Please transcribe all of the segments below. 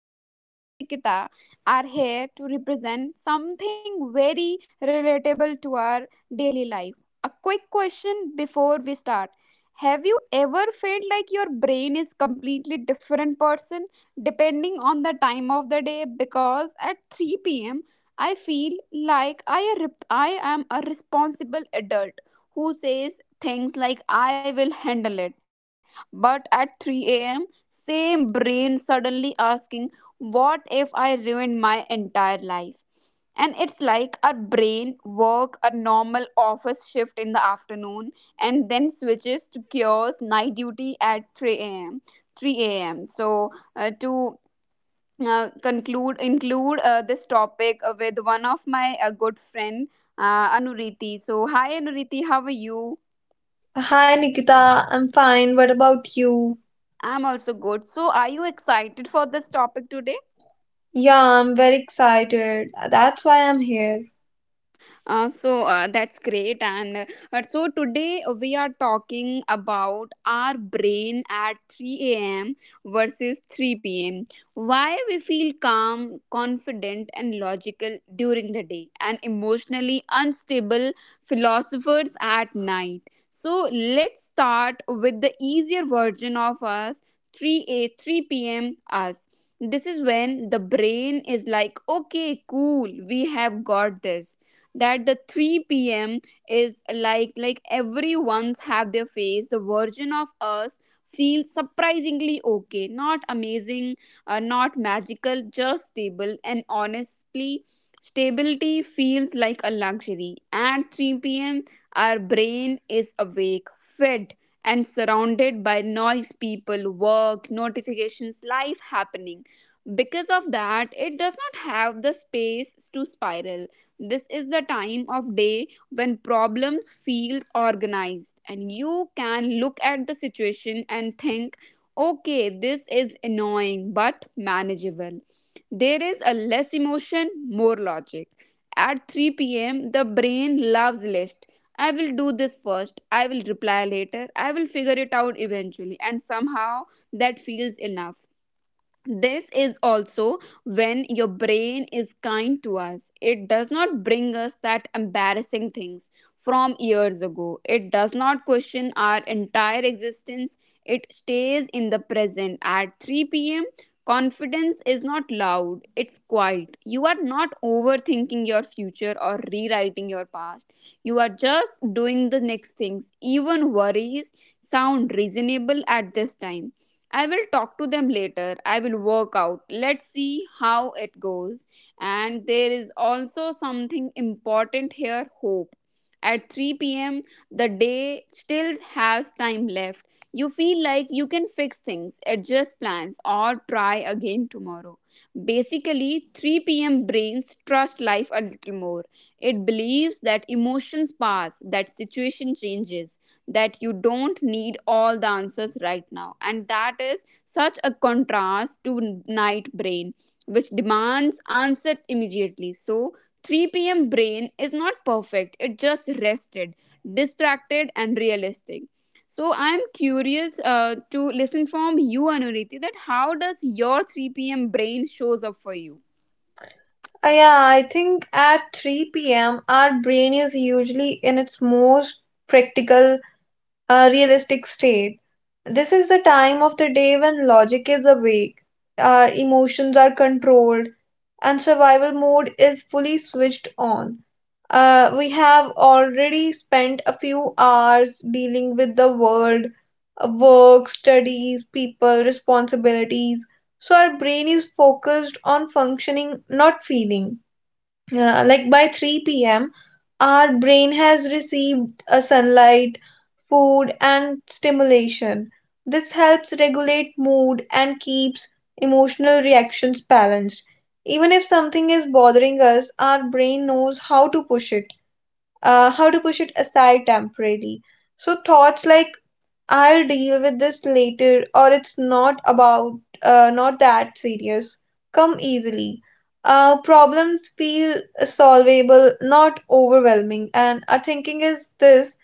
I am your host Nikita, are here to represent something very relatable to our daily life. A quick question before we start. Have you ever felt like your brain is completely different person depending on the time of the day because at 3 p.m. I feel like I am a responsible adult who says things like I will handle it, but at 3 a.m., same brain suddenly asking, what if I ruined my entire life? And it's like our brain work a normal office shift in the afternoon and then switches to cures night duty at 3 a.m. So to conclude, include this topic with one of my good friend, Anuriti. So hi Anuriti, how are you? Hi Nikita, I'm fine. What about you? I'm also good. So, are you excited for this topic today? Yeah, I'm very excited. That's why I'm here. So that's great. And today we are talking about our brain at 3 a.m. versus 3 p.m. Why we feel calm, confident, and logical during the day, and emotionally unstable philosophers at night. So let's start with the easier version of us, 3 p.m. us. This is when the brain is like, okay, cool, we have got this, that the 3 p.m. is like everyone's have their face. The version of us feels surprisingly okay, not amazing, not magical, just stable. And honestly, stability feels like a luxury. At 3 p.m., our brain is awake, fed, and surrounded by noise, people, work, notifications, life happening. Because of that, it does not have the space to spiral. This is the time of day when problems feels organized and you can look at the situation and think, okay, this is annoying but manageable. There is a less emotion, more logic. At 3 p.m., the brain loves list. I will do this first. I will reply later. I will figure it out eventually. And somehow that feels enough. This is also when your brain is kind to us. It does not bring us that embarrassing things from years ago. It does not question our entire existence. It stays in the present. At 3 p.m., confidence is not loud, it's quiet. You are not overthinking your future or rewriting your past. You are just doing the next things. Even worries sound reasonable at this time. I will talk to them later. I will work out. Let's see how it goes. And there is also something important here: hope. At 3 p.m., the day still has time left. You feel like you can fix things, adjust plans, or try again tomorrow. Basically, 3 p.m. brains trust life a little more. It believes that emotions pass, that situation changes, that you don't need all the answers right now. And that is such a contrast to night brain, which demands answers immediately. So, 3 p.m. brain is not perfect, it just rested, distracted, and realistic. So I'm curious to listen from you, Anuriti, that how does your 3 p.m. brain shows up for you? Yeah, I think at 3 p.m., our brain is usually in its most practical a realistic state. This is the time of the day when logic is awake, our emotions are controlled, and survival mode is fully switched on. We have already spent a few hours dealing with the world, work, studies, people, responsibilities. So our brain is focused on functioning, not feeling. Like by 3 p.m., our brain has received a sunlight, food, and stimulation. This helps regulate mood and keeps emotional reactions balanced. Even if something is bothering us, our brain knows how to push it, how to push it aside temporarily. So thoughts like I'll deal with this later, or it's not about, not that serious, come easily. Problems feel solvable, not overwhelming, and our thinking is this,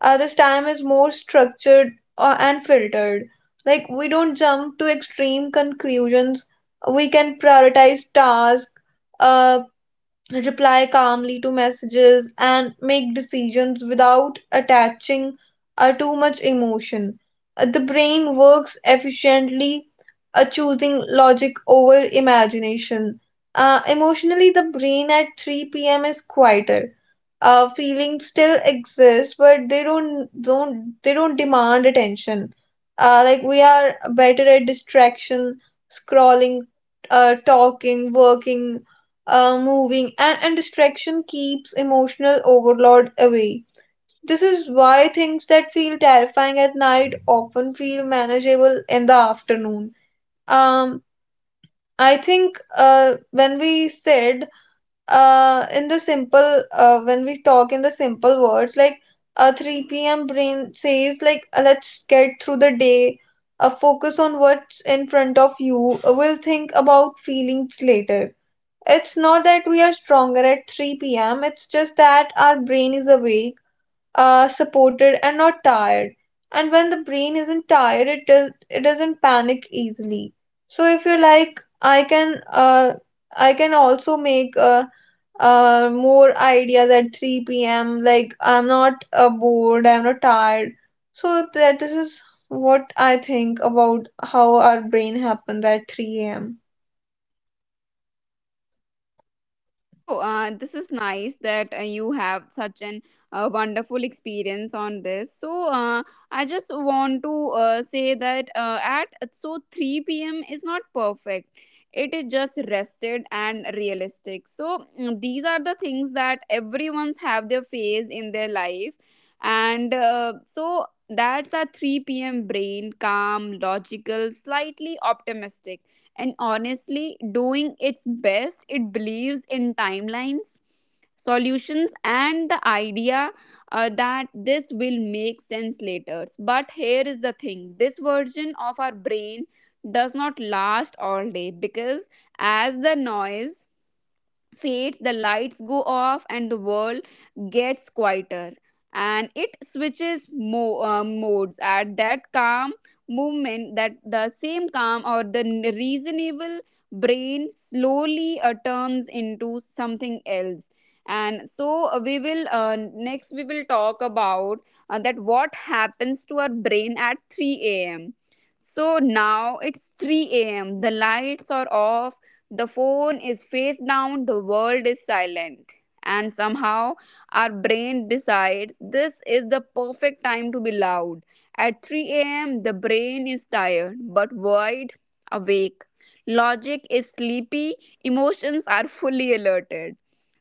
uh, this time is more structured and filtered. Like, we don't jump to extreme conclusions, we can prioritize tasks, reply calmly to messages, and make decisions without attaching too much emotion. The brain works efficiently, choosing logic over imagination. Emotionally, the brain at 3 p.m. is quieter. Feelings still exist, but they don't demand attention. Like we are better at distraction, scrolling, talking, working, moving, and distraction keeps emotional overload away. This is why things that feel terrifying at night often feel manageable in the afternoon. Um, I think when we said in the simple, when we talk in the simple words, like, a 3 p.m. brain says, let's get through the day, focus on what's in front of you, we'll think about feelings later. It's not that we are stronger at 3 p.m., it's just that our brain is awake, supported, and not tired. And when the brain isn't tired, it doesn't panic easily. So if you like, I can also make more ideas at 3 p.m. Like I'm not bored, I'm not tired. So that this is what I think about how our brain happens at 3 a.m. So, this is nice that you have such an wonderful experience on this. So, I just want to say that at so 3 p.m. is not perfect. It is just rested and realistic. So, these are the things that everyone's have their phase in their life, and so that's a 3 p.m. brain, calm, logical, slightly optimistic and honestly doing its best. It believes in timelines, solutions, and the idea that this will make sense later. But here is the thing: this version of our brain does not last all day, because as the noise fades, the lights go off, and the world gets quieter. And it switches modes at that calm movement, that the same calm or the reasonable brain slowly turns into something else. And so we will next we will talk about that what happens to our brain at 3 a.m. So now it's 3 a.m. The lights are off, the phone is face down, the world is silent. And somehow our brain decides this is the perfect time to be loud. At 3 a.m., the brain is tired but wide awake. Logic is sleepy, emotions are fully alerted.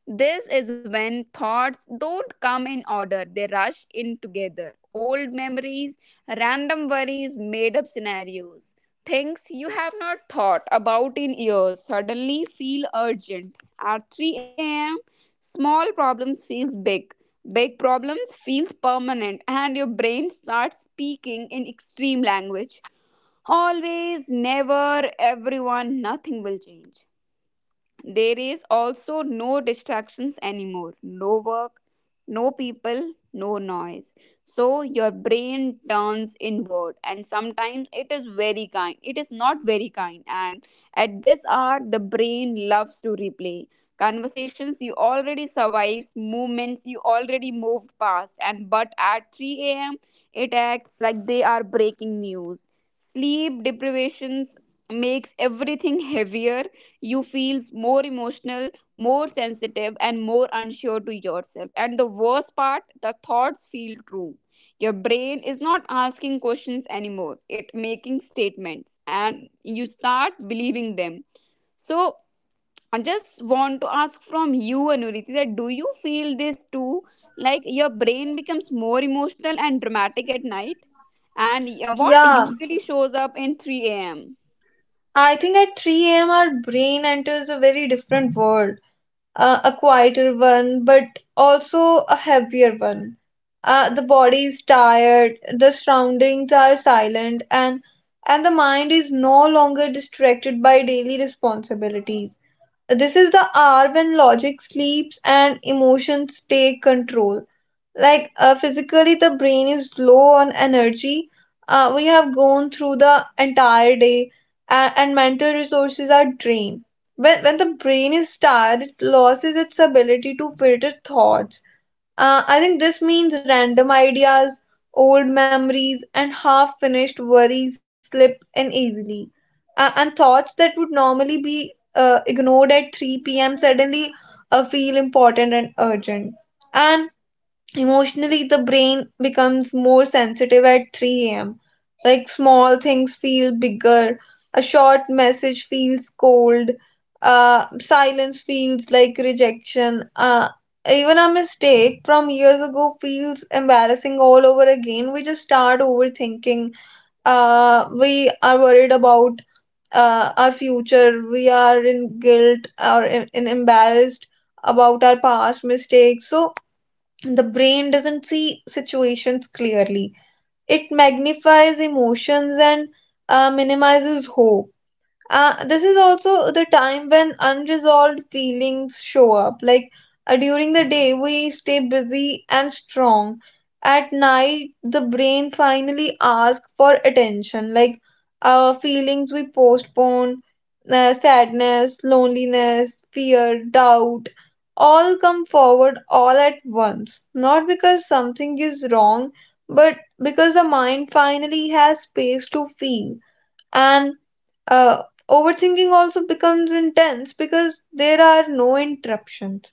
This is when thoughts don't come in order, they rush in together. Old memories, random worries, made up scenarios. Things you have not thought about in years suddenly feel urgent. At 3 a.m., small problems feels big. Big problems feels permanent, and your brain starts speaking in extreme language. Always, never, everyone, nothing will change. There is also no distractions anymore, no work, no people, no noise. So your brain turns inward, and sometimes it is very kind. It is not very kind, and at this hour, the brain loves to replay. Conversations you already survived, movements you already moved past, and but at 3 a.m., it acts like they are breaking news. Sleep deprivations makes everything heavier. You feel more emotional, more sensitive, and more unsure to yourself. And the worst part, the thoughts feel true. Your brain is not asking questions anymore, it making statements, and you start believing them. So I just want to ask from you, Anuriti, that do you feel this too? Like your brain becomes more emotional and dramatic at night, and what Yeah, usually shows up in 3 a.m. I think at 3 a.m., our brain enters a very different world, a quieter one, but also a heavier one. The body is tired, the surroundings are silent, and the mind is no longer distracted by daily responsibilities. This is the hour when logic sleeps and emotions take control. Like physically, the brain is low on energy. We have gone through the entire day, and mental resources are drained. When the brain is tired, it loses its ability to filter thoughts. I think this means random ideas, old memories, and half finished worries slip in easily. And thoughts that would normally be ignored at 3 p.m. suddenly feel important and urgent. And Emotionally, the brain becomes more sensitive at 3 a.m. Like small things feel bigger, a short message feels cold, silence feels like rejection. Even a mistake from years ago feels embarrassing all over again. We just start overthinking. We are worried about our future. We are in guilt or in embarrassed about our past mistakes. So the brain doesn't see situations clearly. It magnifies emotions and minimizes hope. This is also the time when unresolved feelings show up. Like during the day, we stay busy and strong. At night, the brain finally asks for attention. Like our feelings we postpone, sadness, loneliness, fear, doubt, all come forward all at once. Not because something is wrong, but because the mind finally has space to feel, and uh, overthinking also becomes intense because there are no interruptions,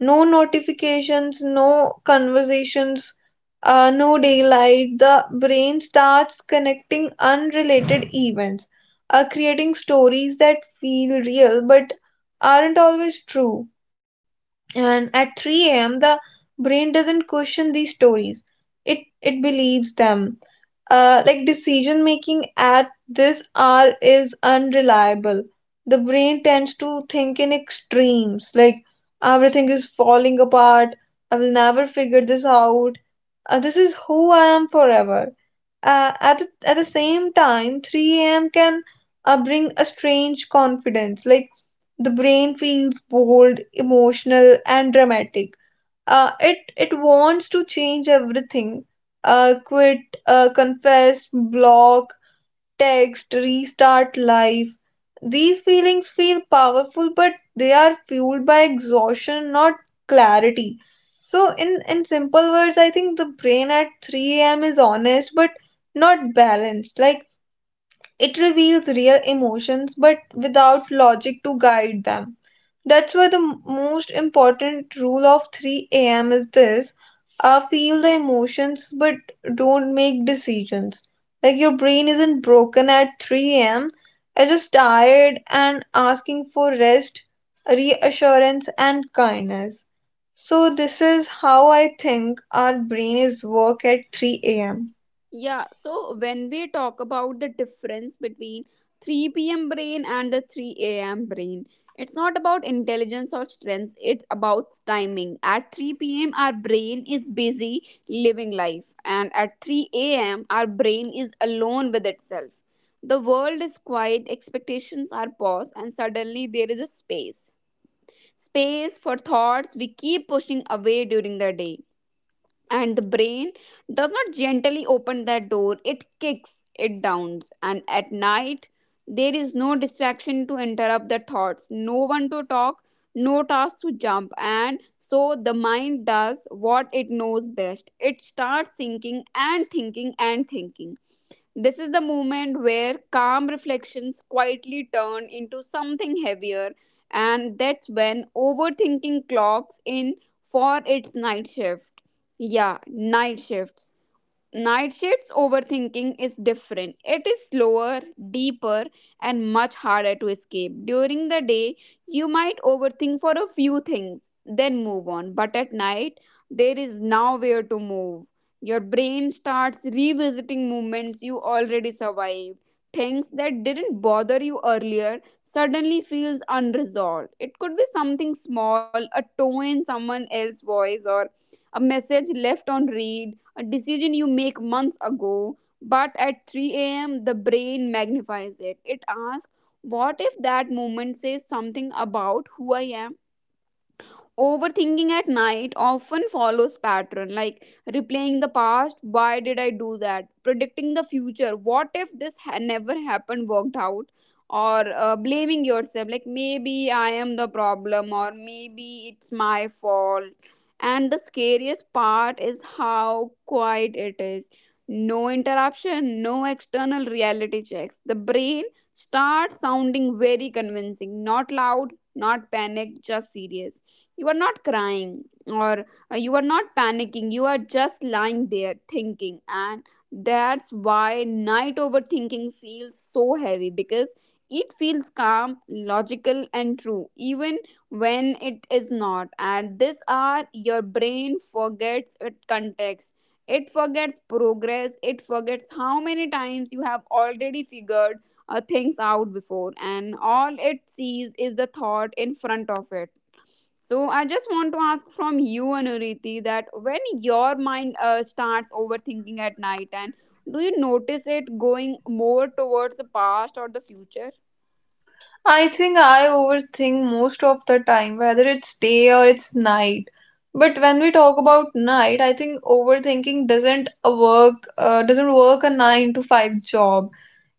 no notifications, no conversations, no daylight. The brain starts connecting unrelated events, creating stories that feel real but aren't always true. And at 3 a.m. the brain doesn't question these stories, it believes them. Like decision making at this hour is unreliable. The brain tends to think in extremes, like everything is falling apart, I will never figure this out, this is who I am forever. At the same time, 3 a.m. can bring a strange confidence, like the brain feels bold, emotional, and dramatic. It wants to change everything. Quit, confess, block, text, restart life. These feelings feel powerful, but they are fueled by exhaustion, not clarity. So, in simple words, I think the brain at 3 a.m. is honest, but not balanced. Like it reveals real emotions but without logic to guide them. That's why the most important rule of 3 a.m. is this: feel the emotions but don't make decisions. Like your brain isn't broken at 3 a.m., it's just tired and asking for rest, reassurance, and kindness. So, this is how I think our brain is work at 3 a.m. Yeah, so when we talk about the difference between 3 p.m. brain and the 3 a.m. brain, it's not about intelligence or strength, it's about timing. At 3 p.m., our brain is busy living life, and at 3 a.m., our brain is alone with itself. The world is quiet, expectations are paused, and suddenly there is a space. Space for thoughts we keep pushing away during the day, and the brain does not gently open that door, it kicks it down. And at night, there is no distraction to interrupt the thoughts, no one to talk, no task to jump, and so the mind does what it knows best: it starts thinking and thinking and thinking. This is the moment where calm reflections quietly turn into something heavier, and that's when overthinking clocks in for its night shift. Yeah, night shifts. Nightshade's overthinking is different. It is slower, deeper, and much harder to escape. During the day, you might overthink for a few things, then move on. But at night, there is nowhere to move. Your brain starts revisiting moments you already survived. Things that didn't bother you earlier suddenly feels unresolved. It could be something small, a tone in someone else's voice, or a message left on read, a decision you make months ago, but at 3 a.m., the brain magnifies it. It asks, what if that moment says something about who I am? Overthinking at night often follows pattern like replaying the past, why did I do that? Predicting the future, what if this never happened worked out? Or blaming yourself like maybe I am the problem, or maybe it's my fault. And the scariest part is how quiet it is. No interruption, no external reality checks. The brain starts sounding very convincing, not loud, not panic, just serious. You are not crying, or you are not panicking. You are just lying there thinking. And that's why night overthinking feels so heavy, because it feels calm, logical, and true, even when it is not. At this hour, your brain forgets its context. It forgets progress. It forgets how many times you have already figured things out before, and all it sees is the thought in front of it. So I just want to ask from you, Anuriti, that when your mind starts overthinking at night, and do you notice it going more towards the past or the future? I think I overthink most of the time, whether it's day or it's night. But when we talk about night, I think overthinking doesn't work a 9 to 5 job.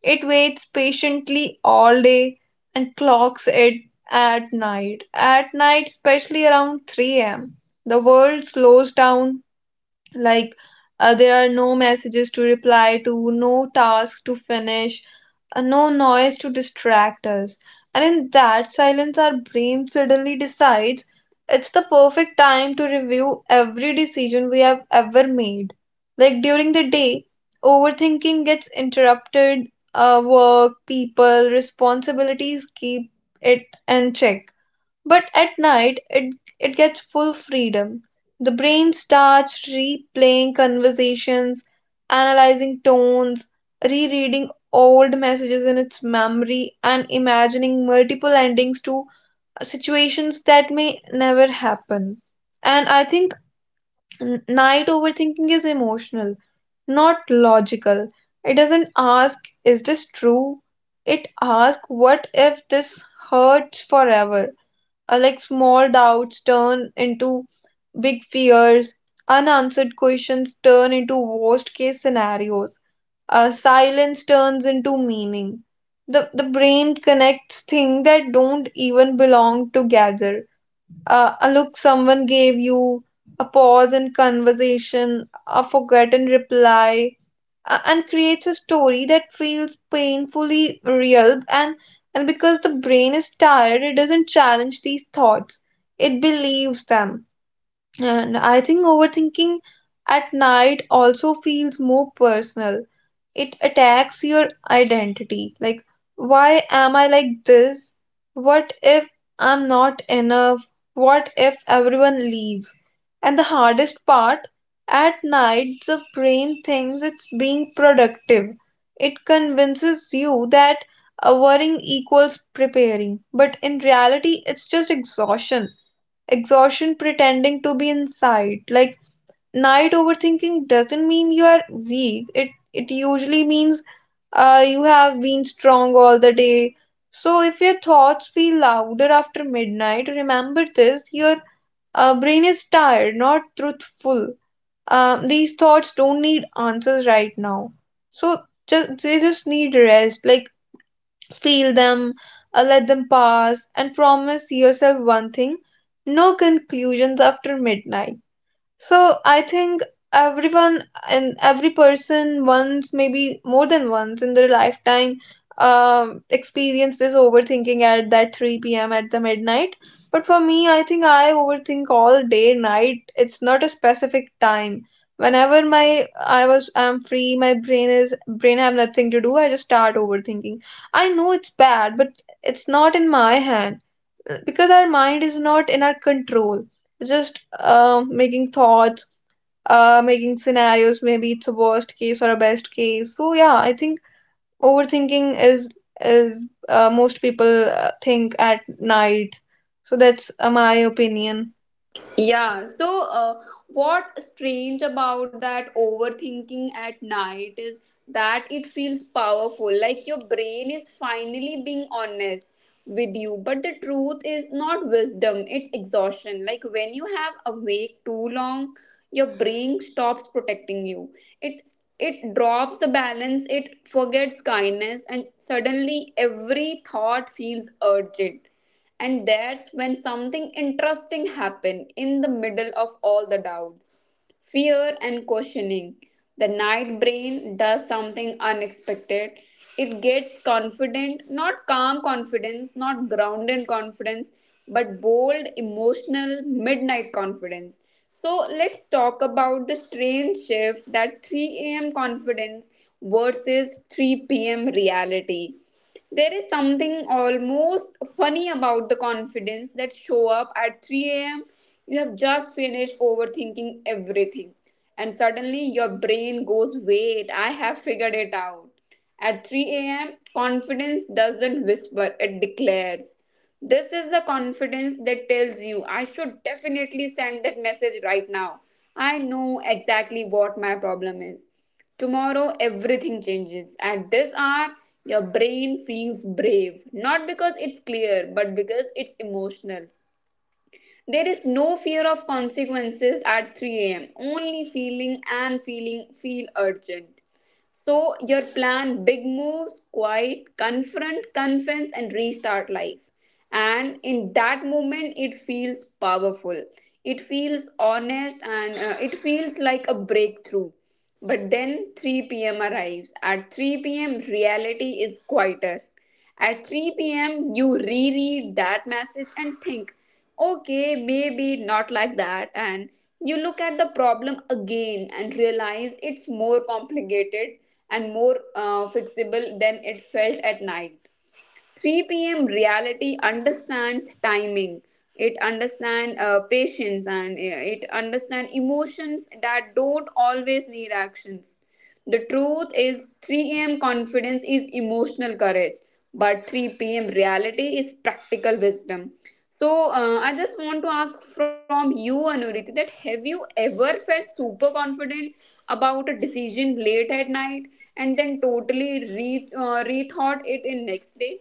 It waits patiently all day and clocks it at night. At night, especially around 3 a.m., the world slows down. Like there are no messages to reply to, no tasks to finish, no noise to distract us. And in that silence, our brain suddenly decides it's the perfect time to review every decision we have ever made. Like during the day, overthinking gets interrupted, work, people, responsibilities keep it in check. But at night, it gets full freedom. The brain starts replaying conversations, analyzing tones, rereading old messages in its memory, and imagining multiple endings to situations that may never happen. And I think night overthinking is emotional, not logical. It doesn't ask, is this true? It asks, what if this hurts forever? Like small doubts turn into big fears, unanswered questions turn into worst case scenarios, silence turns into meaning. The brain connects things that don't even belong together. A look someone gave you, a pause in conversation, a forgotten reply, and creates a story that feels painfully real. And because the brain is tired, it doesn't challenge these thoughts, it believes them. And I think overthinking at night also feels more personal, it attacks your identity. Like, why am I like this? What if I'm not enough? What if everyone leaves? And the hardest part, at night, the brain thinks it's being productive. It convinces you that avoiding equals preparing, but in reality, it's just exhaustion. Exhaustion pretending to be inside. Like, night overthinking doesn't mean you are weak. It usually means you have been strong all the day. So if your thoughts feel louder after midnight, remember this: your brain is tired, not truthful. These thoughts don't need answers right now. So just they just need rest. Like feel them, let them pass, and promise yourself one thing: no conclusions after midnight. So I think everyone and every person once, maybe more than once in their lifetime, experience this overthinking at that 3 p.m. at the midnight. But for me, I think I overthink all day, night. It's not a specific time. Whenever my I was I'm free, my brain is brain have nothing to do. I just start overthinking. I know it's bad, but it's not in my hand because our mind is not in our control, just making thoughts, making scenarios, maybe it's a worst case or a best case. So yeah, I think overthinking is, most people think at night. So that's my opinion. Yeah, so what strange about that overthinking at night is that it feels powerful, like your brain is finally being honest with you. But the truth is not wisdom, it's exhaustion. Like when you have awake too long, your brain stops protecting you. It it drops the balance, it forgets kindness, and suddenly every thought feels urgent, and that's when something interesting happened. In the middle of all the doubts, fear, and questioning, the night brain does something unexpected. It gets confident, not calm confidence, not grounded confidence, but bold, emotional, midnight confidence. So let's talk about the strange shift: that 3 a.m. confidence versus 3 p.m. reality. There is something almost funny about the confidence that show up at 3 a.m. You have just finished overthinking everything, and suddenly your brain goes, "Wait, I have figured it out." At 3 a.m., confidence doesn't whisper, it declares. This is the confidence that tells you, "I should definitely send that message right now. I know exactly what my problem is. Tomorrow, everything changes." At this hour, your brain feels brave, not because it's clear, but because it's emotional. There is no fear of consequences at 3 a.m. Only feeling and feeling feel urgent. So your plan big moves, quiet, confront, confess, and restart life. And in that moment, it feels powerful. It feels honest and it feels like a breakthrough. But then 3 p.m. arrives. At 3 p.m., reality is quieter. At 3 p.m., you reread that message and think okay, maybe not like that. And you look at the problem again and realize it's more complicated and more fixable than it felt at night. 3 p.m. reality understands timing. It understands patience, and it understands emotions that don't always need actions. The truth is, 3 a.m. confidence is emotional courage, but 3 p.m. reality is practical wisdom. So, I just want to ask from you, Anuriti, that have you ever felt super confident about a decision late at night and then totally rethought it in next day?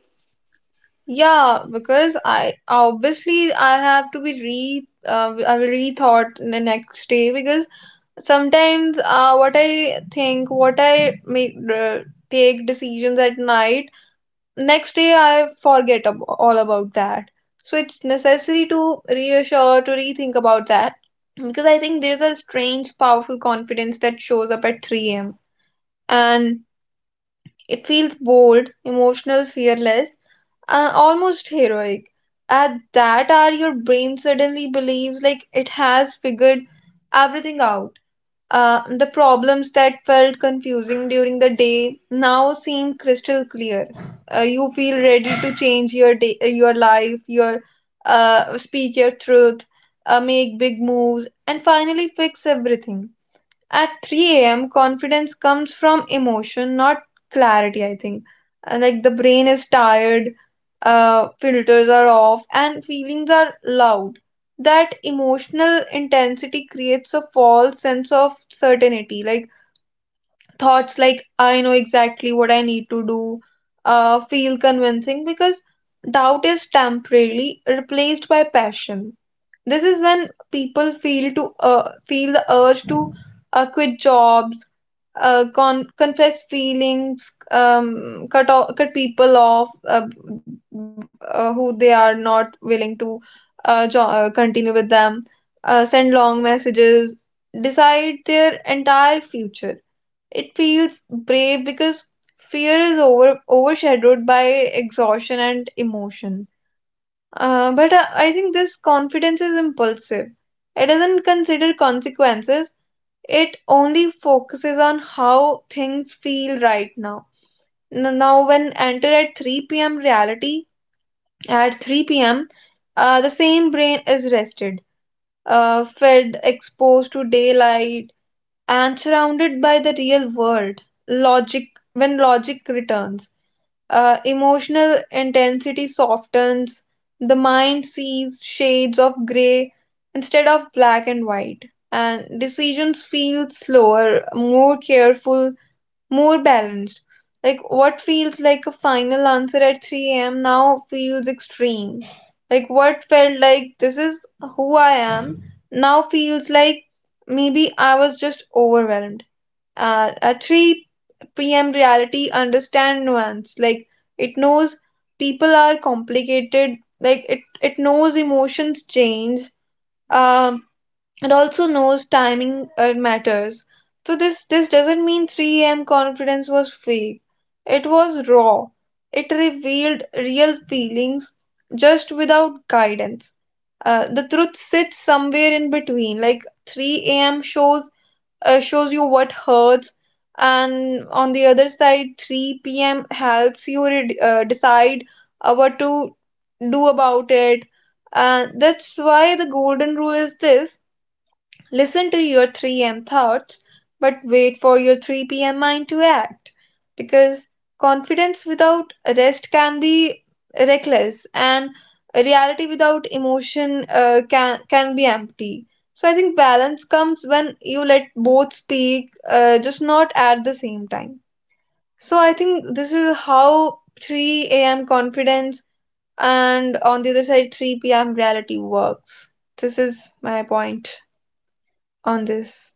Yeah, because I obviously I have to be re I will rethought the next day because sometimes what I think what I make uh, take decisions at night, next day I forget all about that. So it's necessary to reassure, to rethink about that because I think there's a strange, powerful confidence that shows up at 3 a.m. And it feels bold, emotional, fearless, almost heroic. At that hour, your brain suddenly believes like it has figured everything out. The problems that felt confusing during the day now seem crystal clear. You feel ready to change your day, your life, your speak your truth, make big moves, and finally fix everything at 3 a.m., confidence comes from emotion, not clarity, I think. Like the brain is tired, filters are off, and feelings are loud. That emotional intensity creates a false sense of certainty. Like thoughts like, I know exactly what I need to do, feel convincing because doubt is temporarily replaced by passion. This is when people feel the urge to quit jobs, confess feelings, cut people off who they are not willing to continue with them, send long messages, decide their entire future. It feels brave because fear is overshadowed by exhaustion and emotion. But I think this confidence is impulsive. It doesn't consider consequences, it only focuses on how things feel right now. Now, when entered at 3 p.m. reality, at 3 p.m., the same brain is rested, fed, exposed to daylight, and surrounded by the real world. Logic, when logic returns. Emotional intensity softens, the mind sees shades of gray instead of black and white, and decisions feel slower, more careful, more balanced. Like what feels like a final answer at 3 a.m. now feels extreme. Like what felt like this is who I am now feels like maybe I was just overwhelmed. A 3 p.m. reality understand nuance. Like it knows people are complicated. Like it knows emotions change. Um, it also knows timing matters. So this doesn't mean 3 a.m. confidence was fake. It was raw. It revealed real feelings just without guidance. The truth sits somewhere in between. Like 3 a.m. Shows you what hurts, and on the other side 3 p.m. helps you decide what to do about it. And that's why the golden rule is this: listen to your 3 a.m. thoughts, but wait for your 3 p.m. mind to act. Because confidence without rest can be reckless, and reality without emotion can be empty. So I think balance comes when you let both speak, just not at the same time. So I think this is how 3 a.m. confidence and on the other side 3 p.m. reality works. This is my point on this.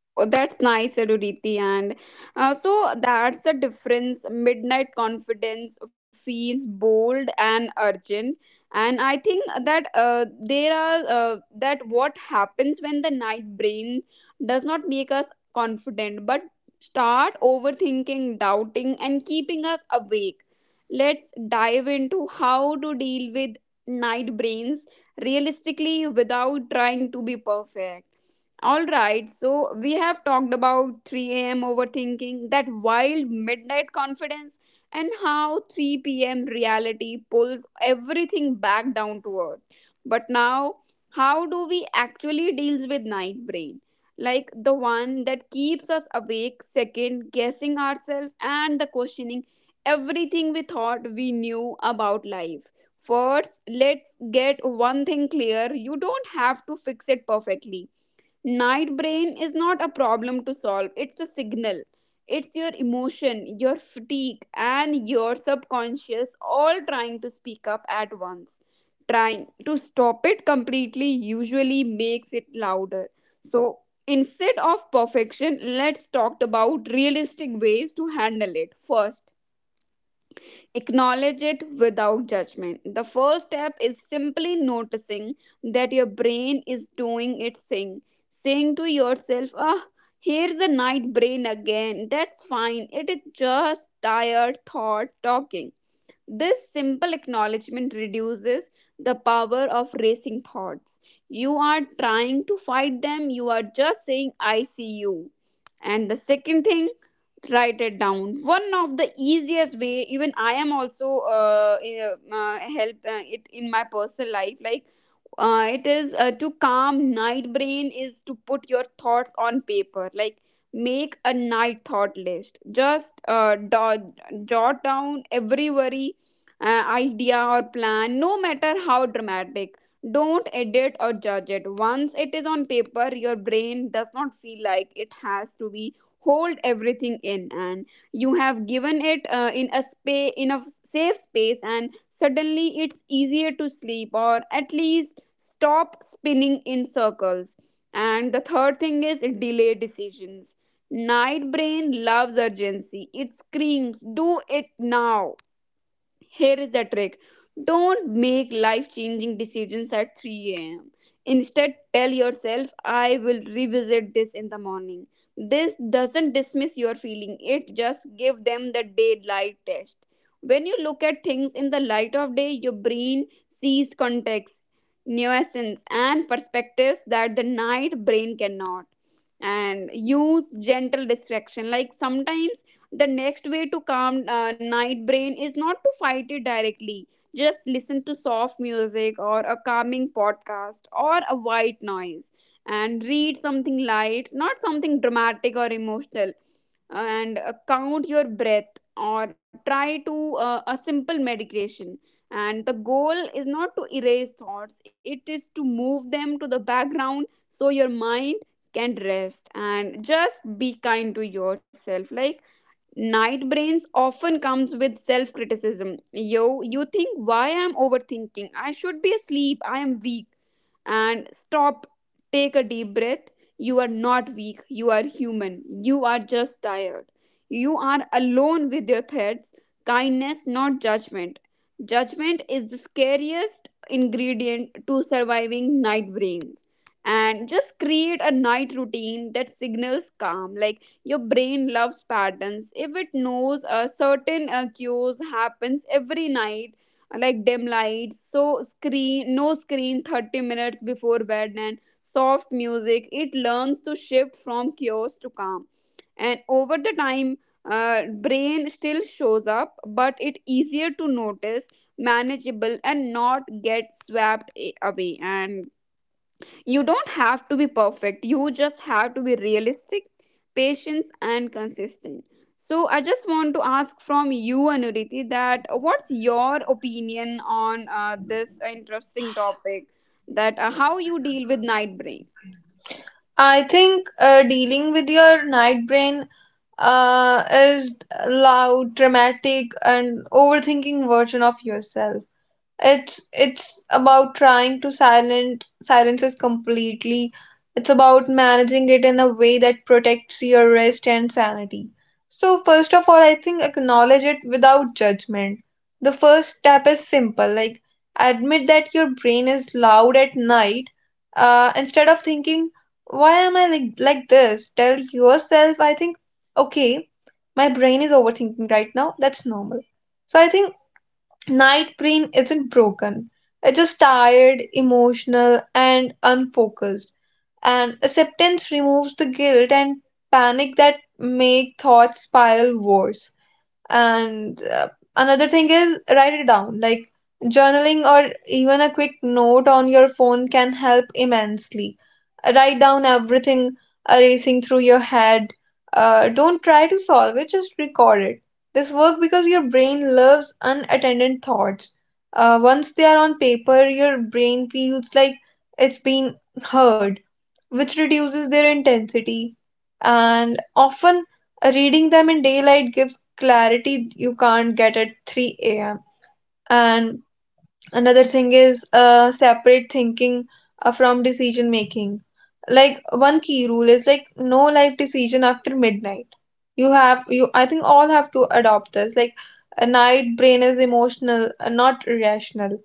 Oh, that's nice, Aduriti. And so that's the difference. Midnight confidence feels bold and urgent. And I think that what happens when the night brain does not make us confident, but start overthinking, doubting, and keeping us awake. Let's dive into how to deal with night brains realistically without trying to be perfect. All right, so we have talked about 3 a.m. overthinking, that wild midnight confidence, and how 3 p.m. reality pulls everything back down to earth. But now, how do we actually deals with night brain? Like the one that keeps us awake, second guessing ourselves, and the questioning everything we thought we knew about life. First, let's get one thing clear. You don't have to fix it perfectly. Night brain is not a problem to solve, it's a signal. It's your emotion, your fatigue, and your subconscious all trying to speak up at once. Trying to stop it completely usually makes it louder. So instead of perfection, let's talk about realistic ways to handle it. First, acknowledge it without judgment. The first step is simply noticing that your brain is doing its thing, saying to yourself, ah, here's a night brain again. That's fine. It is just tired thought talking. This simple acknowledgement reduces the power of racing thoughts. You are trying to fight them, you are just saying, I see you. And the second thing, write it down. One of the easiest way, even I am also help it in my personal life, like it is, to calm night brain, is to put your thoughts on paper. Like, make a night thought list. Just jot down every worry, idea, or plan, no matter how dramatic. Don't edit or judge it. Once it is on paper, your brain does not feel like it has to be hold everything in, and you have given it in a space, in a safe space, and suddenly it's easier to sleep or at least stop spinning in circles. And the third thing is delay decisions. Night brain loves urgency. It screams, do it now. Here is the trick, don't make life changing decisions at 3 a.m. Instead, tell yourself, I will revisit this in the morning. This doesn't dismiss your feeling, it just give them the daylight test. When you look at things in the light of day, your brain sees context, nuances, and perspectives that the night brain cannot. And use gentle distraction. Like sometimes the next way to calm night brain is not to fight it directly. Just listen to soft music or a calming podcast or a white noise, and read something light, not something dramatic or emotional. And count your breath or try to a simple meditation. And the goal is not to erase thoughts, it is to move them to the background so your mind can rest. And just be kind to yourself. Like night brains often comes with self criticism. Yo, you think, why I'm overthinking? I should be asleep. I am weak. And stop, take a deep breath. You are not weak, you are human, you are just tired. You are alone with your thoughts. Kindness, not judgment. Judgment is the scariest ingredient to surviving night brains. And just create a night routine that signals calm. Like your brain loves patterns. If it knows a certain cues happens every night, like dim lights, so screen, no screen 30 minutes before bed, and soft music, it learns to shift from chaos to calm. And over the time, brain still shows up, but it easier to notice, manageable, and not get swept away. And you don't have to be perfect, you just have to be realistic, patient, and consistent. So, I just want to ask from you, Anuriti, that what's your opinion on this interesting topic, that how you deal with night brain? I think dealing with your night brain is loud, dramatic, and overthinking version of yourself. It's about trying to silent silences completely. It's about managing it in a way that protects your rest and sanity. So first of all I think acknowledge it without judgment. The first step is simple, like admit that your brain is loud at night. Instead of thinking, why am I like this, tell yourself, I think, okay, my brain is overthinking right now, that's normal. So I think night brain isn't broken. It's just tired, emotional, and unfocused. And acceptance removes the guilt and panic that make thoughts spiral worse. And Another thing is write it down. Like journaling or even a quick note on your phone can help immensely. Write down everything racing through your head. Don't try to solve it, just record it. This works because your brain loves unattended thoughts. Once they are on paper, your brain feels like it's been heard, which reduces their intensity. And often, reading them in daylight gives clarity you can't get at 3 a.m. And another thing is separate thinking from decision making. Like one key rule is like no life decision after midnight. You I think all have to adopt this. Like a night brain is emotional, not rational.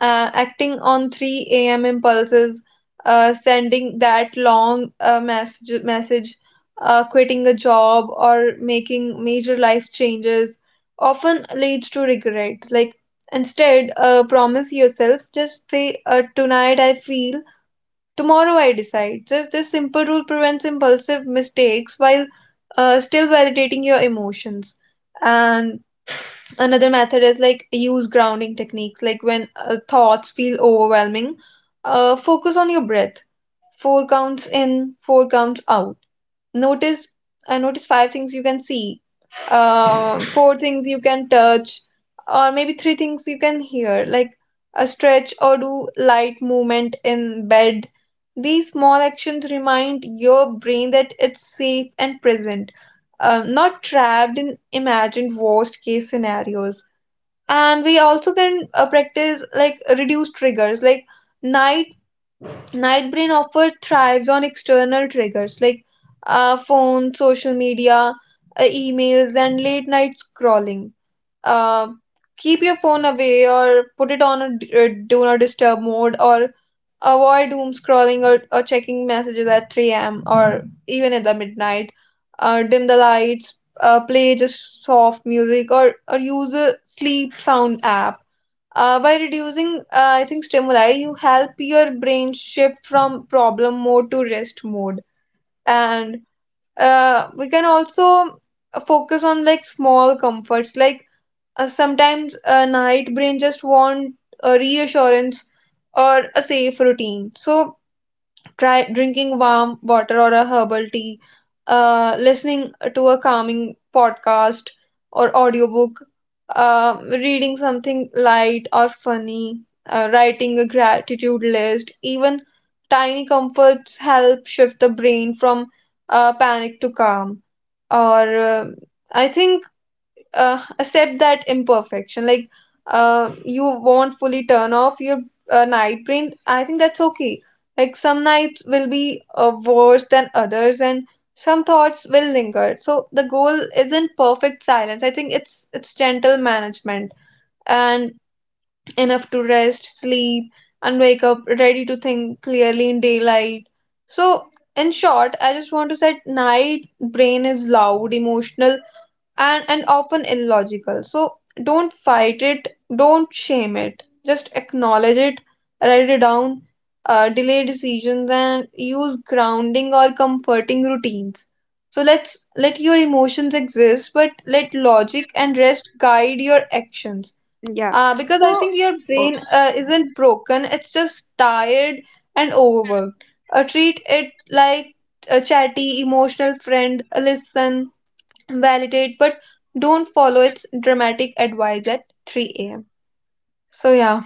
Acting on 3 a.m impulses, uh, sending that long message, quitting a job, or making major life changes often leads to regret. Like instead, promise yourself, just say, tonight I feel, tomorrow I decide. Just this simple rule prevents impulsive mistakes while still validating your emotions. And another method is like use grounding techniques, like when thoughts feel overwhelming, focus on your breath. Four counts in, four counts out. Notice, notice five things you can see, four things you can touch, or maybe three things you can hear, like a stretch or do light movement in bed. These small actions remind your brain that it's safe and present, not trapped in imagined worst case scenarios. And we also can practice like reduce triggers, like night night brain offer thrives on external triggers like phone, social media, emails, and late night scrolling. Uh, keep your phone away or put it on a do not disturb mode, or avoid doom scrolling or checking messages at 3 a.m. or even at the midnight. Dim the lights, play just soft music, or use a sleep sound app. By reducing, I think, stimuli, you help your brain shift from problem mode to rest mode. And we can also focus on like small comforts. Like sometimes a night brain just want a reassurance or a safe routine. So try drinking warm water or a herbal tea, listening to a calming podcast or audiobook, reading something light or funny, writing a gratitude list. Even tiny comforts help shift the brain from panic to calm. Or uh, I think accept that imperfection. Like you won't fully turn off your night brain. I think that's okay. Like some nights will be worse than others, and some thoughts will linger. So the goal isn't perfect silence. I think it's gentle management and enough to rest, sleep, and wake up ready to think clearly in daylight. So in short, I just want to say night brain is loud, emotional, and often illogical. So don't fight it, don't shame it, just acknowledge it, write it down, delay decisions, and use grounding or comforting routines. So let's let your emotions exist, but let logic and rest guide your actions. Yeah. Because I So, think your brain isn't broken, it's just tired and overworked. Treat it like a chatty, emotional friend, listen, validate, but don't follow its dramatic advice at 3 a.m. So yeah,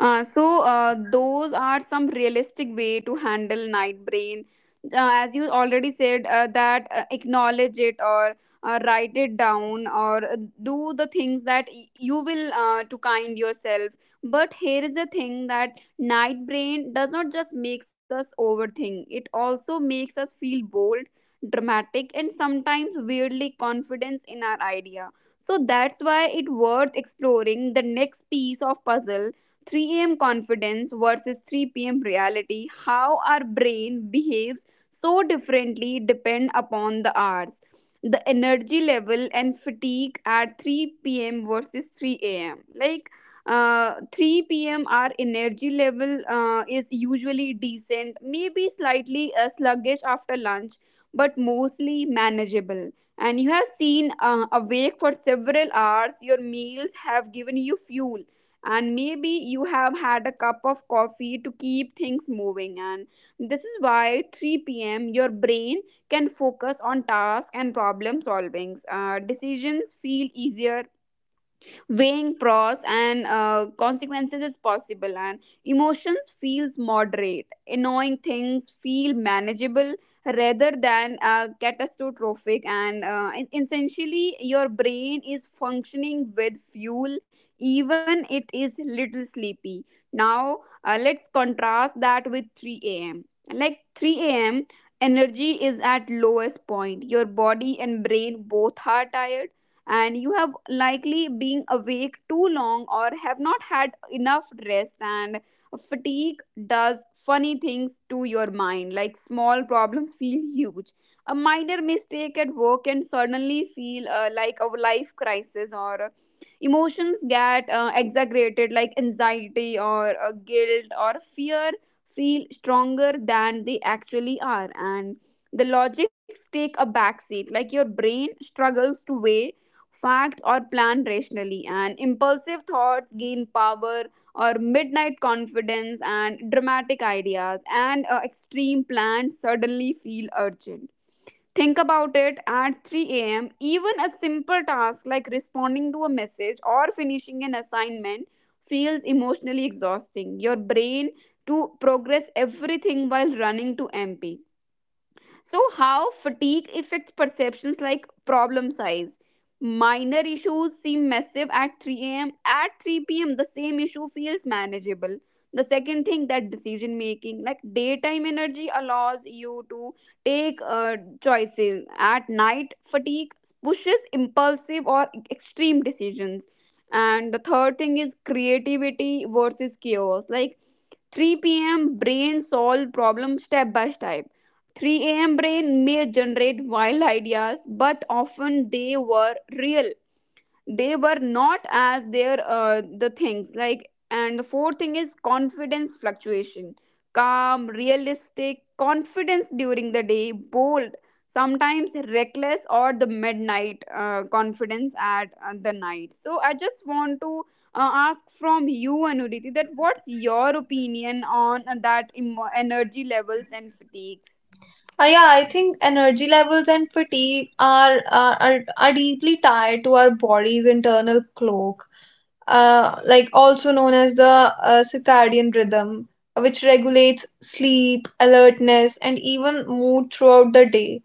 Those are some realistic way to handle night brain. As you already said, that acknowledge it, or write it down, or do the things that you will to kind yourself. But here is the thing, that night brain does not just makes us overthink; it also makes us feel bold, dramatic, and sometimes weirdly confidence in our idea. So that's why it worth exploring the next piece of puzzle, 3 a.m. confidence versus 3 p.m. reality, how our brain behaves so differently depend upon the hours. The energy level and fatigue at 3 p.m. versus 3 a.m. Like 3 p.m. our energy level is usually decent, maybe slightly sluggish after lunch, but mostly manageable. And you have seen awake for several hours, your meals have given you fuel, and maybe you have had a cup of coffee to keep things moving, and this is why 3 p.m. your brain can focus on tasks and problem solvings. Decisions feel easier, weighing pros and consequences is possible, and emotions feels moderate, annoying things feel manageable rather than catastrophic. And essentially your brain is functioning with fuel, even it is little sleepy. Now, let's contrast that with 3 a.m. Like 3 a.m, energy is at lowest point. Your body and brain both are tired, and you have likely been awake too long or have not had enough rest. And fatigue does funny things to your mind. Like small problems feel huge, a minor mistake at work can suddenly feel like a life crisis, or emotions get exaggerated, like anxiety or guilt or fear feel stronger than they actually are. And the logics take a backseat, like your brain struggles to weigh facts, are planned rationally, and impulsive thoughts gain power, or midnight confidence and dramatic ideas, and extreme plans suddenly feel urgent. Think about it, at 3 a.m., even a simple task like responding to a message or finishing an assignment feels emotionally exhausting. Your brain to progress everything while running to MP. So, how fatigue affects perceptions, like problem size? Minor issues seem massive at 3 a.m. At 3 p.m., the same issue feels manageable. The second thing, that decision making, like daytime energy, allows you to take choices. At night, fatigue pushes impulsive or extreme decisions. And the third thing is creativity versus chaos. Like 3 p.m. brain solve problem step by step. 3 a.m. brain may generate wild ideas, but often they were real, they were not as their the things like. And the fourth thing is confidence fluctuation, calm realistic confidence during the day, bold, sometimes reckless or the midnight confidence at the night. So I just want to ask from you, Anuriti, that what's your opinion on that emo energy levels and fatigues? Yeah, I think energy levels and fatigue are deeply tied to our body's internal clock, like also known as the circadian rhythm, which regulates sleep, alertness, and even mood throughout the day.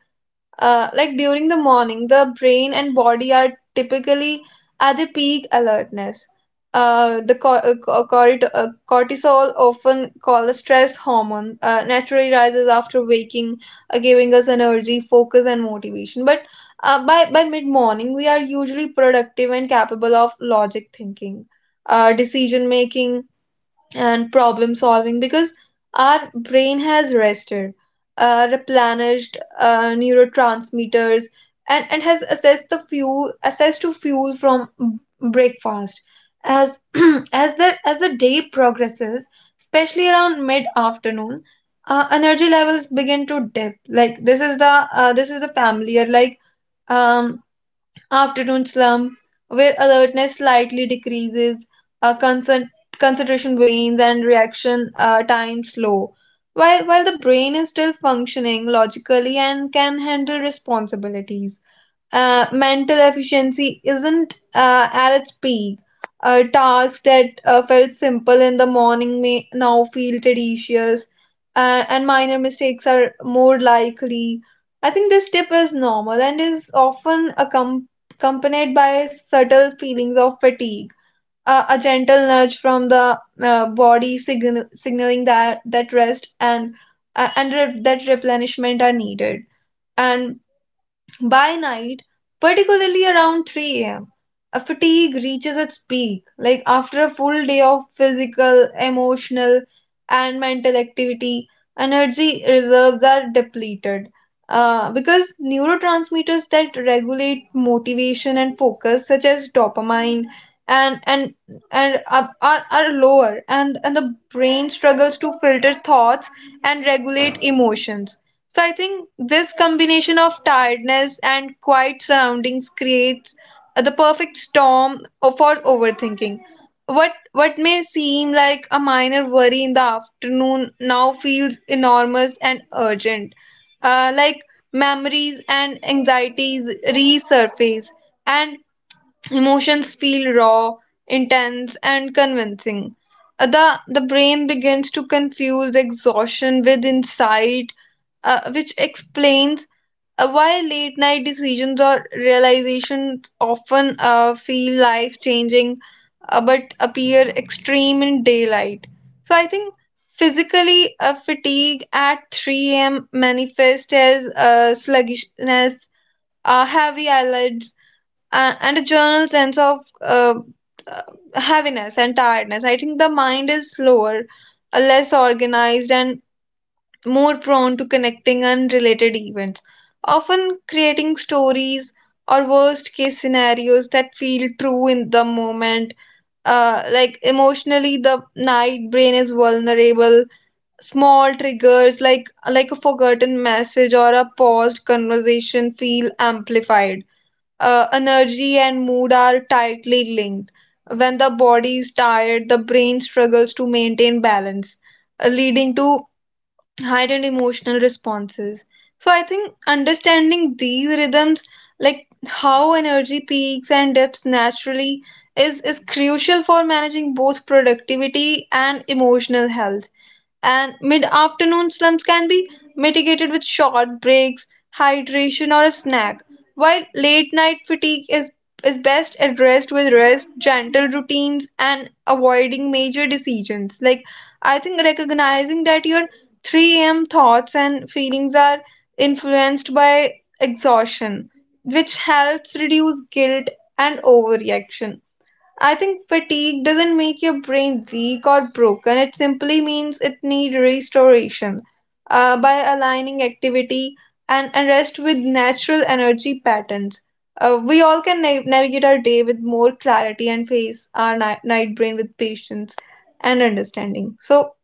Like during the morning, the brain and body are typically at the peak alertness. The cor- co- corti- cortisol, often called the stress hormone, naturally rises after waking, giving us energy, focus, and motivation. By mid morning, we are usually productive and capable of logic thinking, decision making, and problem solving because our brain has rested, replenished neurotransmitters, and has assessed to fuel from breakfast. As as the day progresses, especially around mid afternoon, energy levels begin to dip. Like this is the familiar like um afternoon slump, where alertness slightly decreases, uh, concent- concentration wanes, and reaction time slow. While the brain is still functioning logically and can handle responsibilities, mental efficiency isn't at its peak. Tasks that felt simple in the morning may now feel tedious, and minor mistakes are more likely. I think this dip is normal and is often accompanied by subtle feelings of fatigue. A gentle nudge from the body signaling that rest and that replenishment are needed. And by night, particularly around 3 a.m., fatigue reaches its peak. Like after a full day of physical, emotional, and mental activity, energy reserves are depleted. Because neurotransmitters that regulate motivation and focus, such as dopamine, and and and are, are lower, and the brain struggles to filter thoughts and regulate emotions. So I think this combination of tiredness and quiet surroundings creates the perfect storm for overthinking. What may seem like a minor worry in the afternoon now feels enormous and urgent. Like memories and anxieties resurface, and emotions feel raw, intense, and convincing. The brain begins to confuse exhaustion with insight, which explains why late night decisions or realizations often feel life changing but appear extreme in daylight. So I think physically fatigue at 3 a.m. manifests as sluggishness, heavy eyelids, and a general sense of uh, heaviness and tiredness. I think the mind is slower, less organized, and more prone to connecting unrelated events, often creating stories or worst case scenarios that feel true in the moment. Like emotionally, the night brain is vulnerable. Small triggers like a forgotten message or a paused conversation feel amplified. Energy and mood are tightly linked. When the body is tired, the brain struggles to maintain balance, leading to heightened emotional responses. So I think understanding these rhythms, like how energy peaks and dips naturally, is crucial for managing both productivity and emotional health. And mid afternoon slumps can be mitigated with short breaks, hydration, or a snack, while late night fatigue is best addressed with rest, gentle routines, and avoiding major decisions. Like, I think recognizing that your 3 a.m. thoughts and feelings are influenced by exhaustion, which helps reduce guilt and overreaction. I think fatigue doesn't make your brain weak or broken. It simply means it needs restoration. By aligning activity and rest with natural energy patterns, we all can navigate our day with more clarity and face our night brain with patience and understanding. So,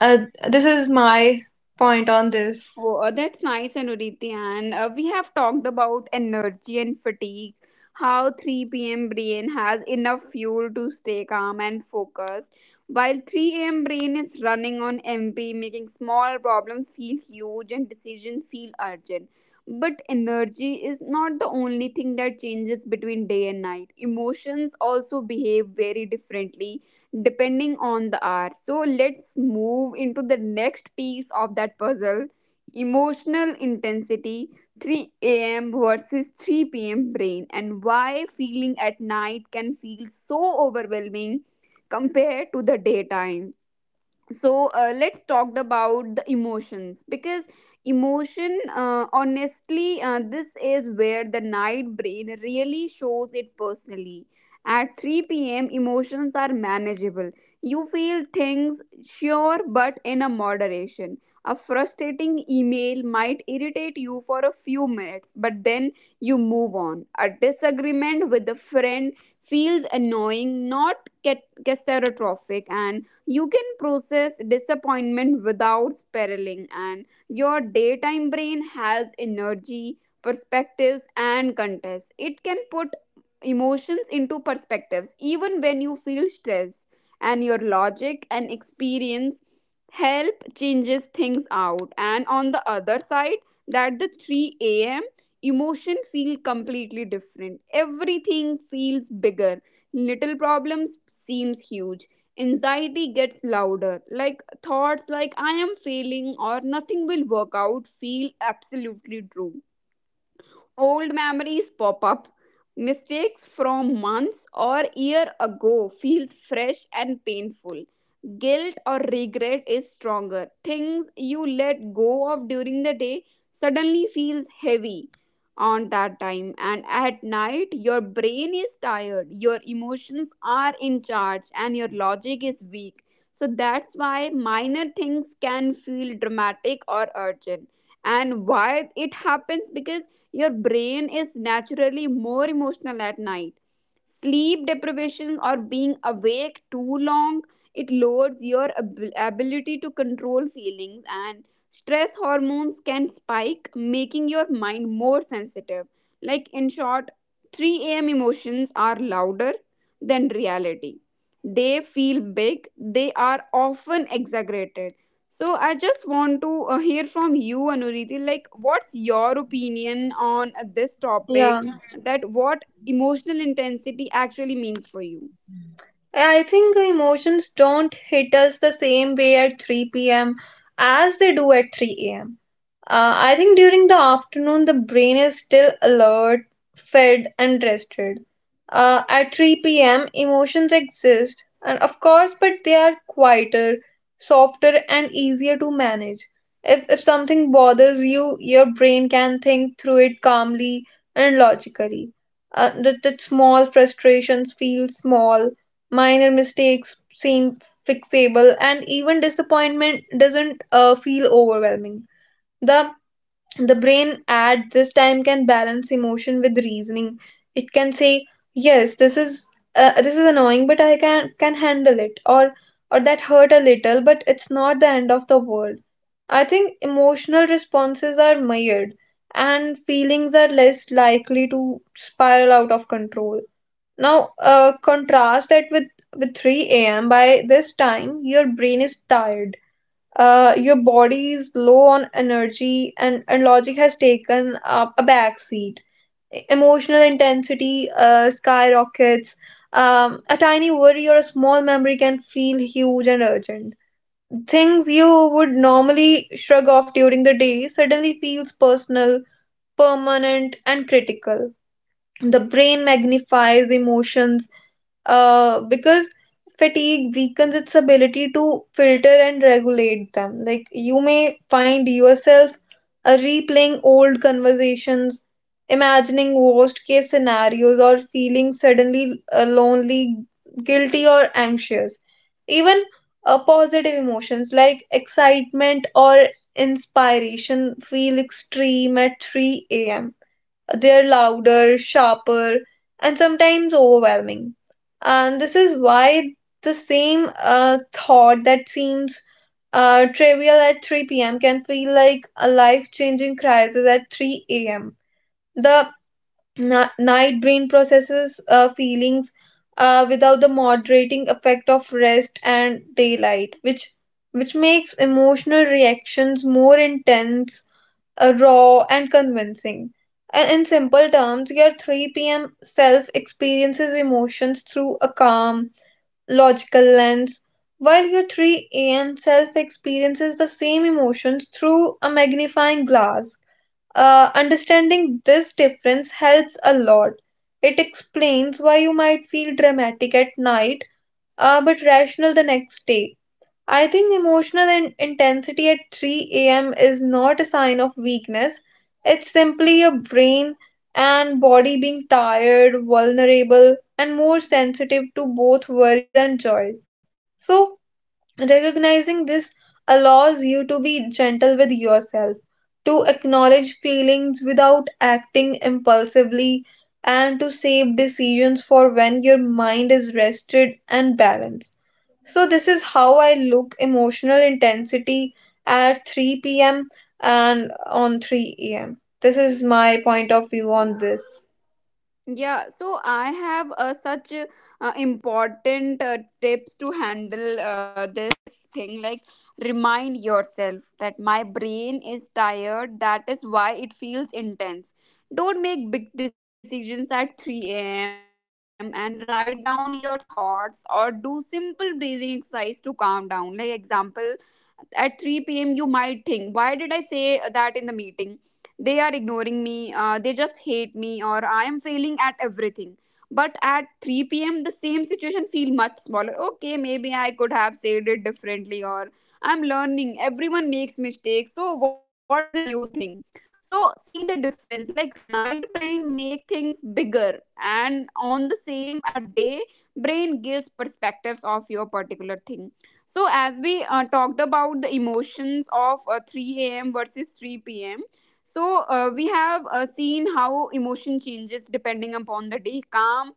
uh, this is my point on this. Oh, that's nice, Anuriti. And we have talked about energy and fatigue, how 3 p.m. brain has enough fuel to stay calm and focused, while 3 a.m. brain is running on empty, making small problems feel huge and decisions feel urgent. But energy is not the only thing that changes between day and night. Emotions also behave very differently depending on the hour. So let's move into the next piece of that puzzle, emotional intensity, 3 a.m. versus 3 p.m. Brain and why feeling at night can feel so overwhelming compared to the daytime. So let's talk about the emotions, because emotion honestly, this is where the night brain really shows it personally. At 3 p.m emotions are manageable. You feel things, sure, but in a moderation. A frustrating email might irritate you for a few minutes, but then you move on. A disagreement with a friend feels annoying, not catastrophic, and you can process disappointment without spiraling. And your daytime brain has energy, perspectives, and context. It can put emotions into perspectives even when you feel stressed, and your logic and experience help changes things out. And on the other side, that the 3 a.m emotion feel completely different. Everything feels bigger, little problems seems huge, anxiety gets louder. Like thoughts like I am failing or nothing will work out feel absolutely true. Old memories pop up. Mistakes from months or year ago feels fresh and painful. Guilt or regret is stronger. Things you let go of during the day suddenly feels heavy on that time. And at night your brain is tired, your emotions are in charge, and your logic is weak. So that's why minor things can feel dramatic or urgent. And why it happens, because your brain is naturally more emotional at night. Sleep deprivation or being awake too long, it lowers your ability to control feelings, and stress hormones can spike, making your mind more sensitive. Like, in short, 3 a.m. emotions are louder than reality. They feel big, they are often exaggerated. So I just want to hear from you, Anuriti. Like, what's your opinion on this Yeah, topic? That what emotional intensity actually means for you? I think emotions don't hit us the same way at 3 p.m. as they do at 3 a.m. I think during the afternoon, the brain is still alert, fed, and rested. At 3 p.m., emotions exist, and of course, but they are quieter, softer, and easier to manage. If something bothers you, your brain can think through it calmly and logically. That small frustrations feel small, minor mistakes seem fixable, and even disappointment doesn't feel overwhelming. The the brain at this time can balance emotion with reasoning. It can say, "Yes, this is annoying, but I can handle it," or that hurt a little, but it's not the end of the world. I think emotional responses are mired, and feelings are less likely to spiral out of control. Now, contrast that with 3 a.m. By this time, your brain is tired, your body is low on energy and logic has taken up a back seat. Emotional intensity skyrockets. A tiny worry or a small memory can feel huge and urgent. Things you would normally shrug off during the day suddenly feels personal, permanent, and critical. The brain magnifies emotions because fatigue weakens its ability to filter and regulate them. Like you may find yourself replaying old conversations, imagining worst case scenarios, or feeling suddenly lonely, guilty, or anxious. Even positive emotions like excitement or inspiration feel extreme at 3 a.m. They're louder, sharper, and sometimes overwhelming. And this is why the same thought that seems trivial at 3 p.m. can feel like a life changing crisis at 3 a.m. The night brain processes feelings without the moderating effect of rest and daylight, which makes emotional reactions more intense, raw, and convincing. And in simple terms, your 3 p.m. self experiences emotions through a calm, logical lens, while your 3 a.m. self experiences the same emotions through a magnifying glass. Understanding this difference helps a lot. It explains why you might feel dramatic at night but rational the next day. I think emotional intensity at 3 a.m. is not a sign of weakness. It's simply your brain and body being tired, vulnerable, and more sensitive to both worries and joys. So, recognizing this allows you to be gentle with yourself, to acknowledge feelings without acting impulsively, and to save decisions for when your mind is rested and balanced. So this is how I look emotional intensity at 3 p.m. and on 3 a.m. This is my point of view on this. Yeah, so I have such important tips to handle this thing. Like, remind yourself that my brain is tired, that is why it feels intense. Don't make big decisions at 3 a.m. and write down your thoughts or do simple breathing exercise to calm down. Like, example, at 3 p.m., you might think, why did I say that in the meeting? They are ignoring me, they just hate me, or I am failing at everything. But at 3 p.m. the same situation feel much smaller. Okay, maybe I could have said it differently, or I'm learning. Everyone makes mistakes. So what's the new thing? So see the difference. Like night brain make things bigger, and on the same at day brain gives perspectives of your particular thing. So as we talked about the emotions of 3 a.m. versus 3 p.m, so we have seen how emotion changes depending upon the day, calm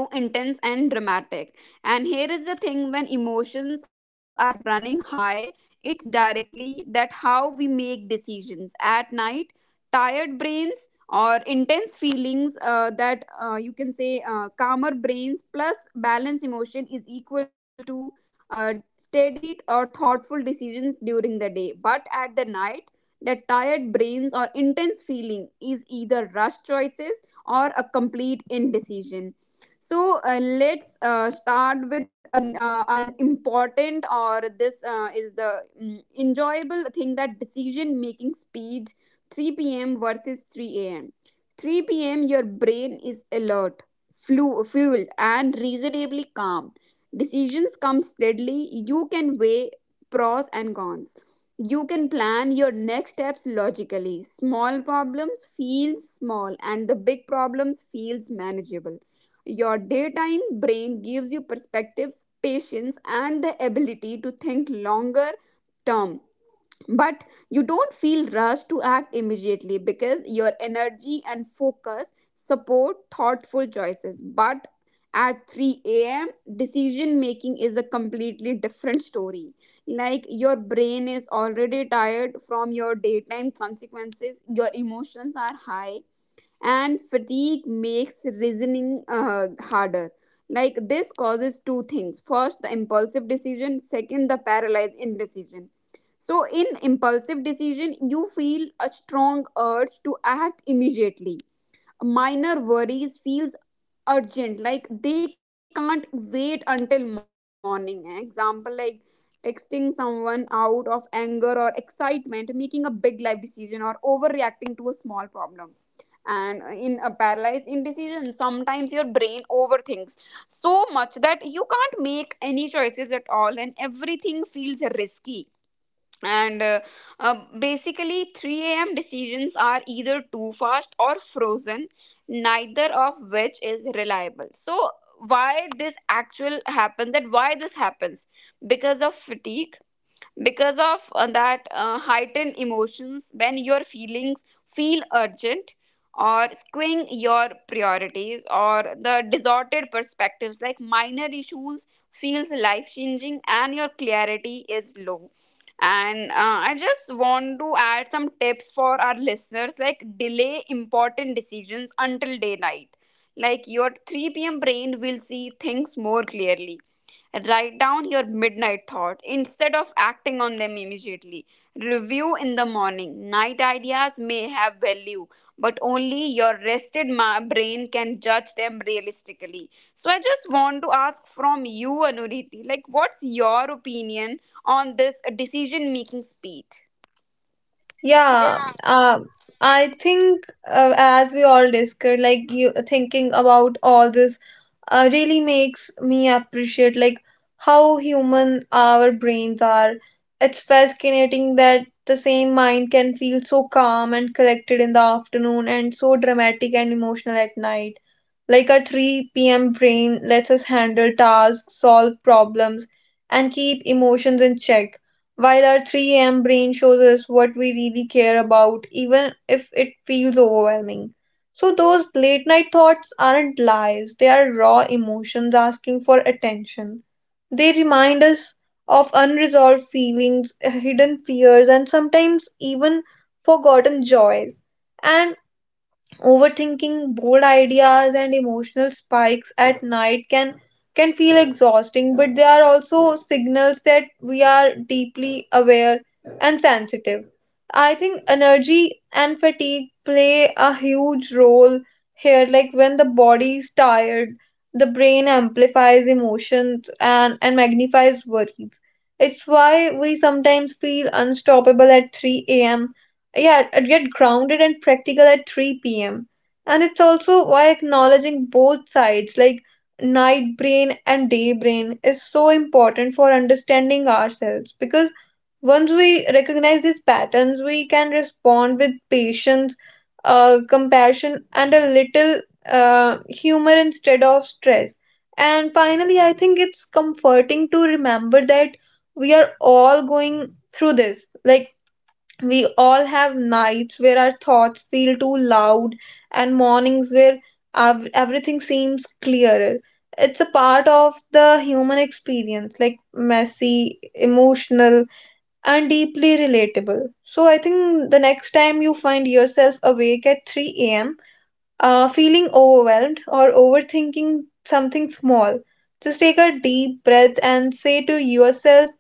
too intense and dramatic. And here is the thing, when emotions are running high, it directly that how we make decisions at night. Tired brains or intense feelings, that you can say, calmer brains plus balanced emotion is equal to steady or thoughtful decisions during the day. But at the night, that tired brains or intense feeling is either rush choices or a complete indecision. So let's start with an important, or this is the enjoyable thing, that decision making speed. 3 p.m. versus 3 a.m. 3 p.m. your brain is alert, fueled, and reasonably calm. Decisions come steadily. You can weigh pros and cons. You can plan your next steps logically. Small problems feel small and the big problems feels manageable. Your daytime brain gives you perspectives, patience, and the ability to think longer term. But you don't feel rushed to act immediately, because your energy and focus support thoughtful choices. But at 3 a.m., decision making is a completely different story. Like your brain is already tired from your daytime consequences, your emotions are high, and fatigue makes reasoning harder. Like this causes two things: first the impulsive decision, second the paralyzed indecision. So in impulsive decision, you feel a strong urge to act immediately. Minor worries feels urgent, like they can't wait until morning. Eh, example, like texting someone out of anger or excitement, making a big life decision, or overreacting to a small problem. And in a paralyzed indecision, sometimes your brain overthinks so much that you can't make any choices at all, and everything feels risky. And uh, Basically 3 a.m decisions are either too fast or frozen, neither of which is reliable. So why this actual happens? That why this happens, because of fatigue, because of that heightened emotions, when your feelings feel urgent, or skewing your priorities, or the distorted perspectives, like minor issues feels life changing and your clarity is low. And I just want to add some tips for our listeners. Like, delay important decisions until daylight, like your 3 p.m brain will see things more clearly. Write down your midnight thought instead of acting on them immediately. Review in the morning. Night ideas may have value, but only your rested brain can judge them realistically. So I just want to ask from you, Anuriti, like what's your opinion on this decision making speed? Yeah, I think as we all discussed, like you thinking about all this really makes me appreciate like how human our brains are. It's fascinating that the same mind can feel so calm and collected in the afternoon and so dramatic and emotional at night. Like our 3 p.m. brain lets us handle tasks, solve problems, and keep emotions in check while our 3 a.m. brain shows us what we really care about, even if it feels overwhelming. So, those late night thoughts aren't lies, they are raw emotions asking for attention. They remind us of unresolved feelings, hidden fears, and sometimes even forgotten joys. And overthinking, bold ideas, and emotional spikes at night can feel exhausting, but they are also signals that we are deeply aware and sensitive. I think energy and fatigue play a huge role here. Like when the body is tired, the brain amplifies emotions and magnifies worries. It's why we sometimes feel unstoppable at 3 a.m., yeah, and get grounded and practical at 3 p.m. And it's also why acknowledging both sides, like night brain and day brain, is so important for understanding ourselves. Because once we recognize these patterns, we can respond with patience, compassion, and a little humor instead of stress. And finally, I think it's comforting to remember that we are all going through this. Like, we all have nights where our thoughts feel too loud and mornings where everything seems clearer. It's a part of the human experience, like messy, emotional, and deeply relatable. So, I think the next time you find yourself awake at 3 a.m., feeling overwhelmed or overthinking something small, just take a deep breath and say to yourself,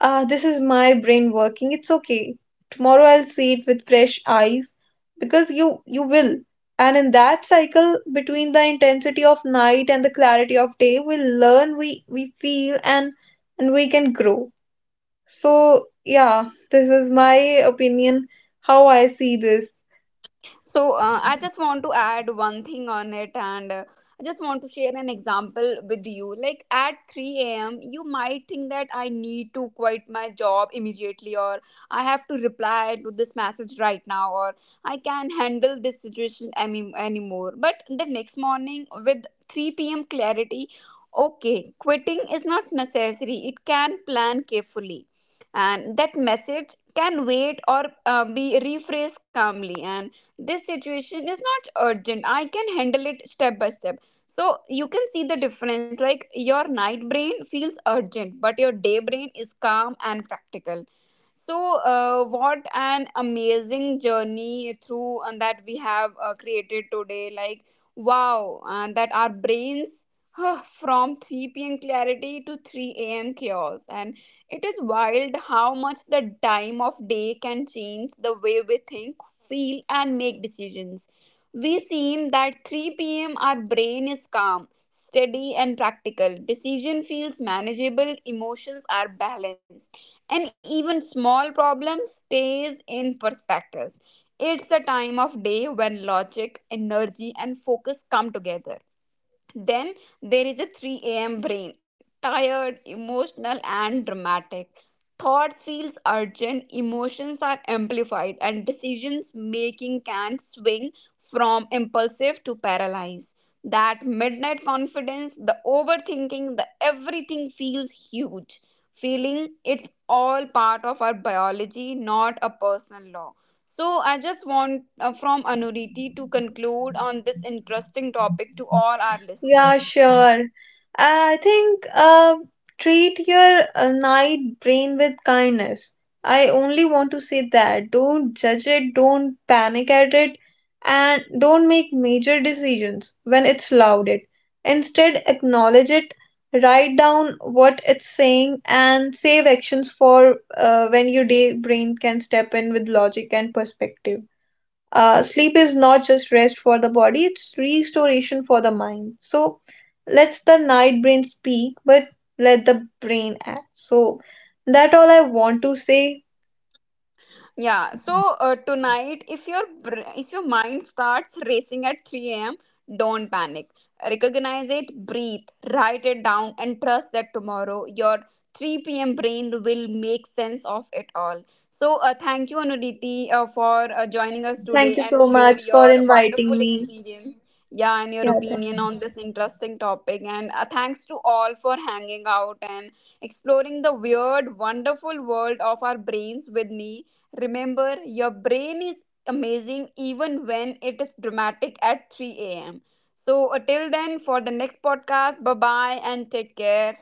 ah, this is my brain working. It's okay. Tomorrow I'll see it with fresh eyes because you will. And in that cycle between the intensity of night and the clarity of day, we learn, we feel and we can grow. So, yeah, this is my opinion how I see this. So I just want to add one thing on it, and I just want to share an example with you. Like at 3 a.m., you might think that I need to quit my job immediately, or I have to reply to this message right now, or I can handle this situation anymore. But the next morning, with 3 p.m. clarity, okay, quitting is not necessary. It can plan carefully, and that message can wait or be rephrased calmly. And this situation is not urgent, I can handle it step by step. So you can see the difference. Like your night brain feels urgent, but your day brain is calm and practical. So what an amazing journey through and that we have created today. Like, wow, and that our brains, huh, from 3 p.m clarity to 3 a.m chaos. And it is wild how much the time of day can change the way we think, feel, and make decisions. We seen that 3 p.m. our brain is calm, steady, and practical. Decision feels manageable, emotions are balanced, and even small problem stays in perspectives. It's a time of day when logic, energy, and focus come together. Then there is a 3 a.m. brain, tired, emotional, and dramatic. Thoughts feels urgent, emotions are amplified, and decisions making can swing from impulsive to paralyzed. That midnight confidence, the overthinking, the everything feels huge. Feeling it's all part of our biology, not a personal law. So, I just want from Anuriti to conclude on this interesting topic to all our Yeah, listeners. sure. I think treat your night brain with kindness. I only want to say that. Don't judge it, don't panic at it, and don't make major decisions when it's louded. Instead, acknowledge it, write down what it's saying, and save actions for when your day brain can step in with logic and perspective. Sleep is not just rest for the body, it's restoration for the mind. So let's the night brain speak, but let the brain act. So that all I want to say. Yeah, so tonight, if if your mind starts racing at 3 a.m., don't panic. Recognize it, breathe, write it down, and trust that tomorrow your 3 p.m. brain will make sense of it all. So, thank you, Anuditi, for joining us Thank today you and so share much for your wonderful inviting me. experience. Yeah, and your Yeah. opinion on this interesting topic. And thanks to all for hanging out and exploring the weird, wonderful world of our brains with me. Remember, your brain is amazing even when it is dramatic at 3 a.m. So, till then, for the next podcast, bye bye and take care.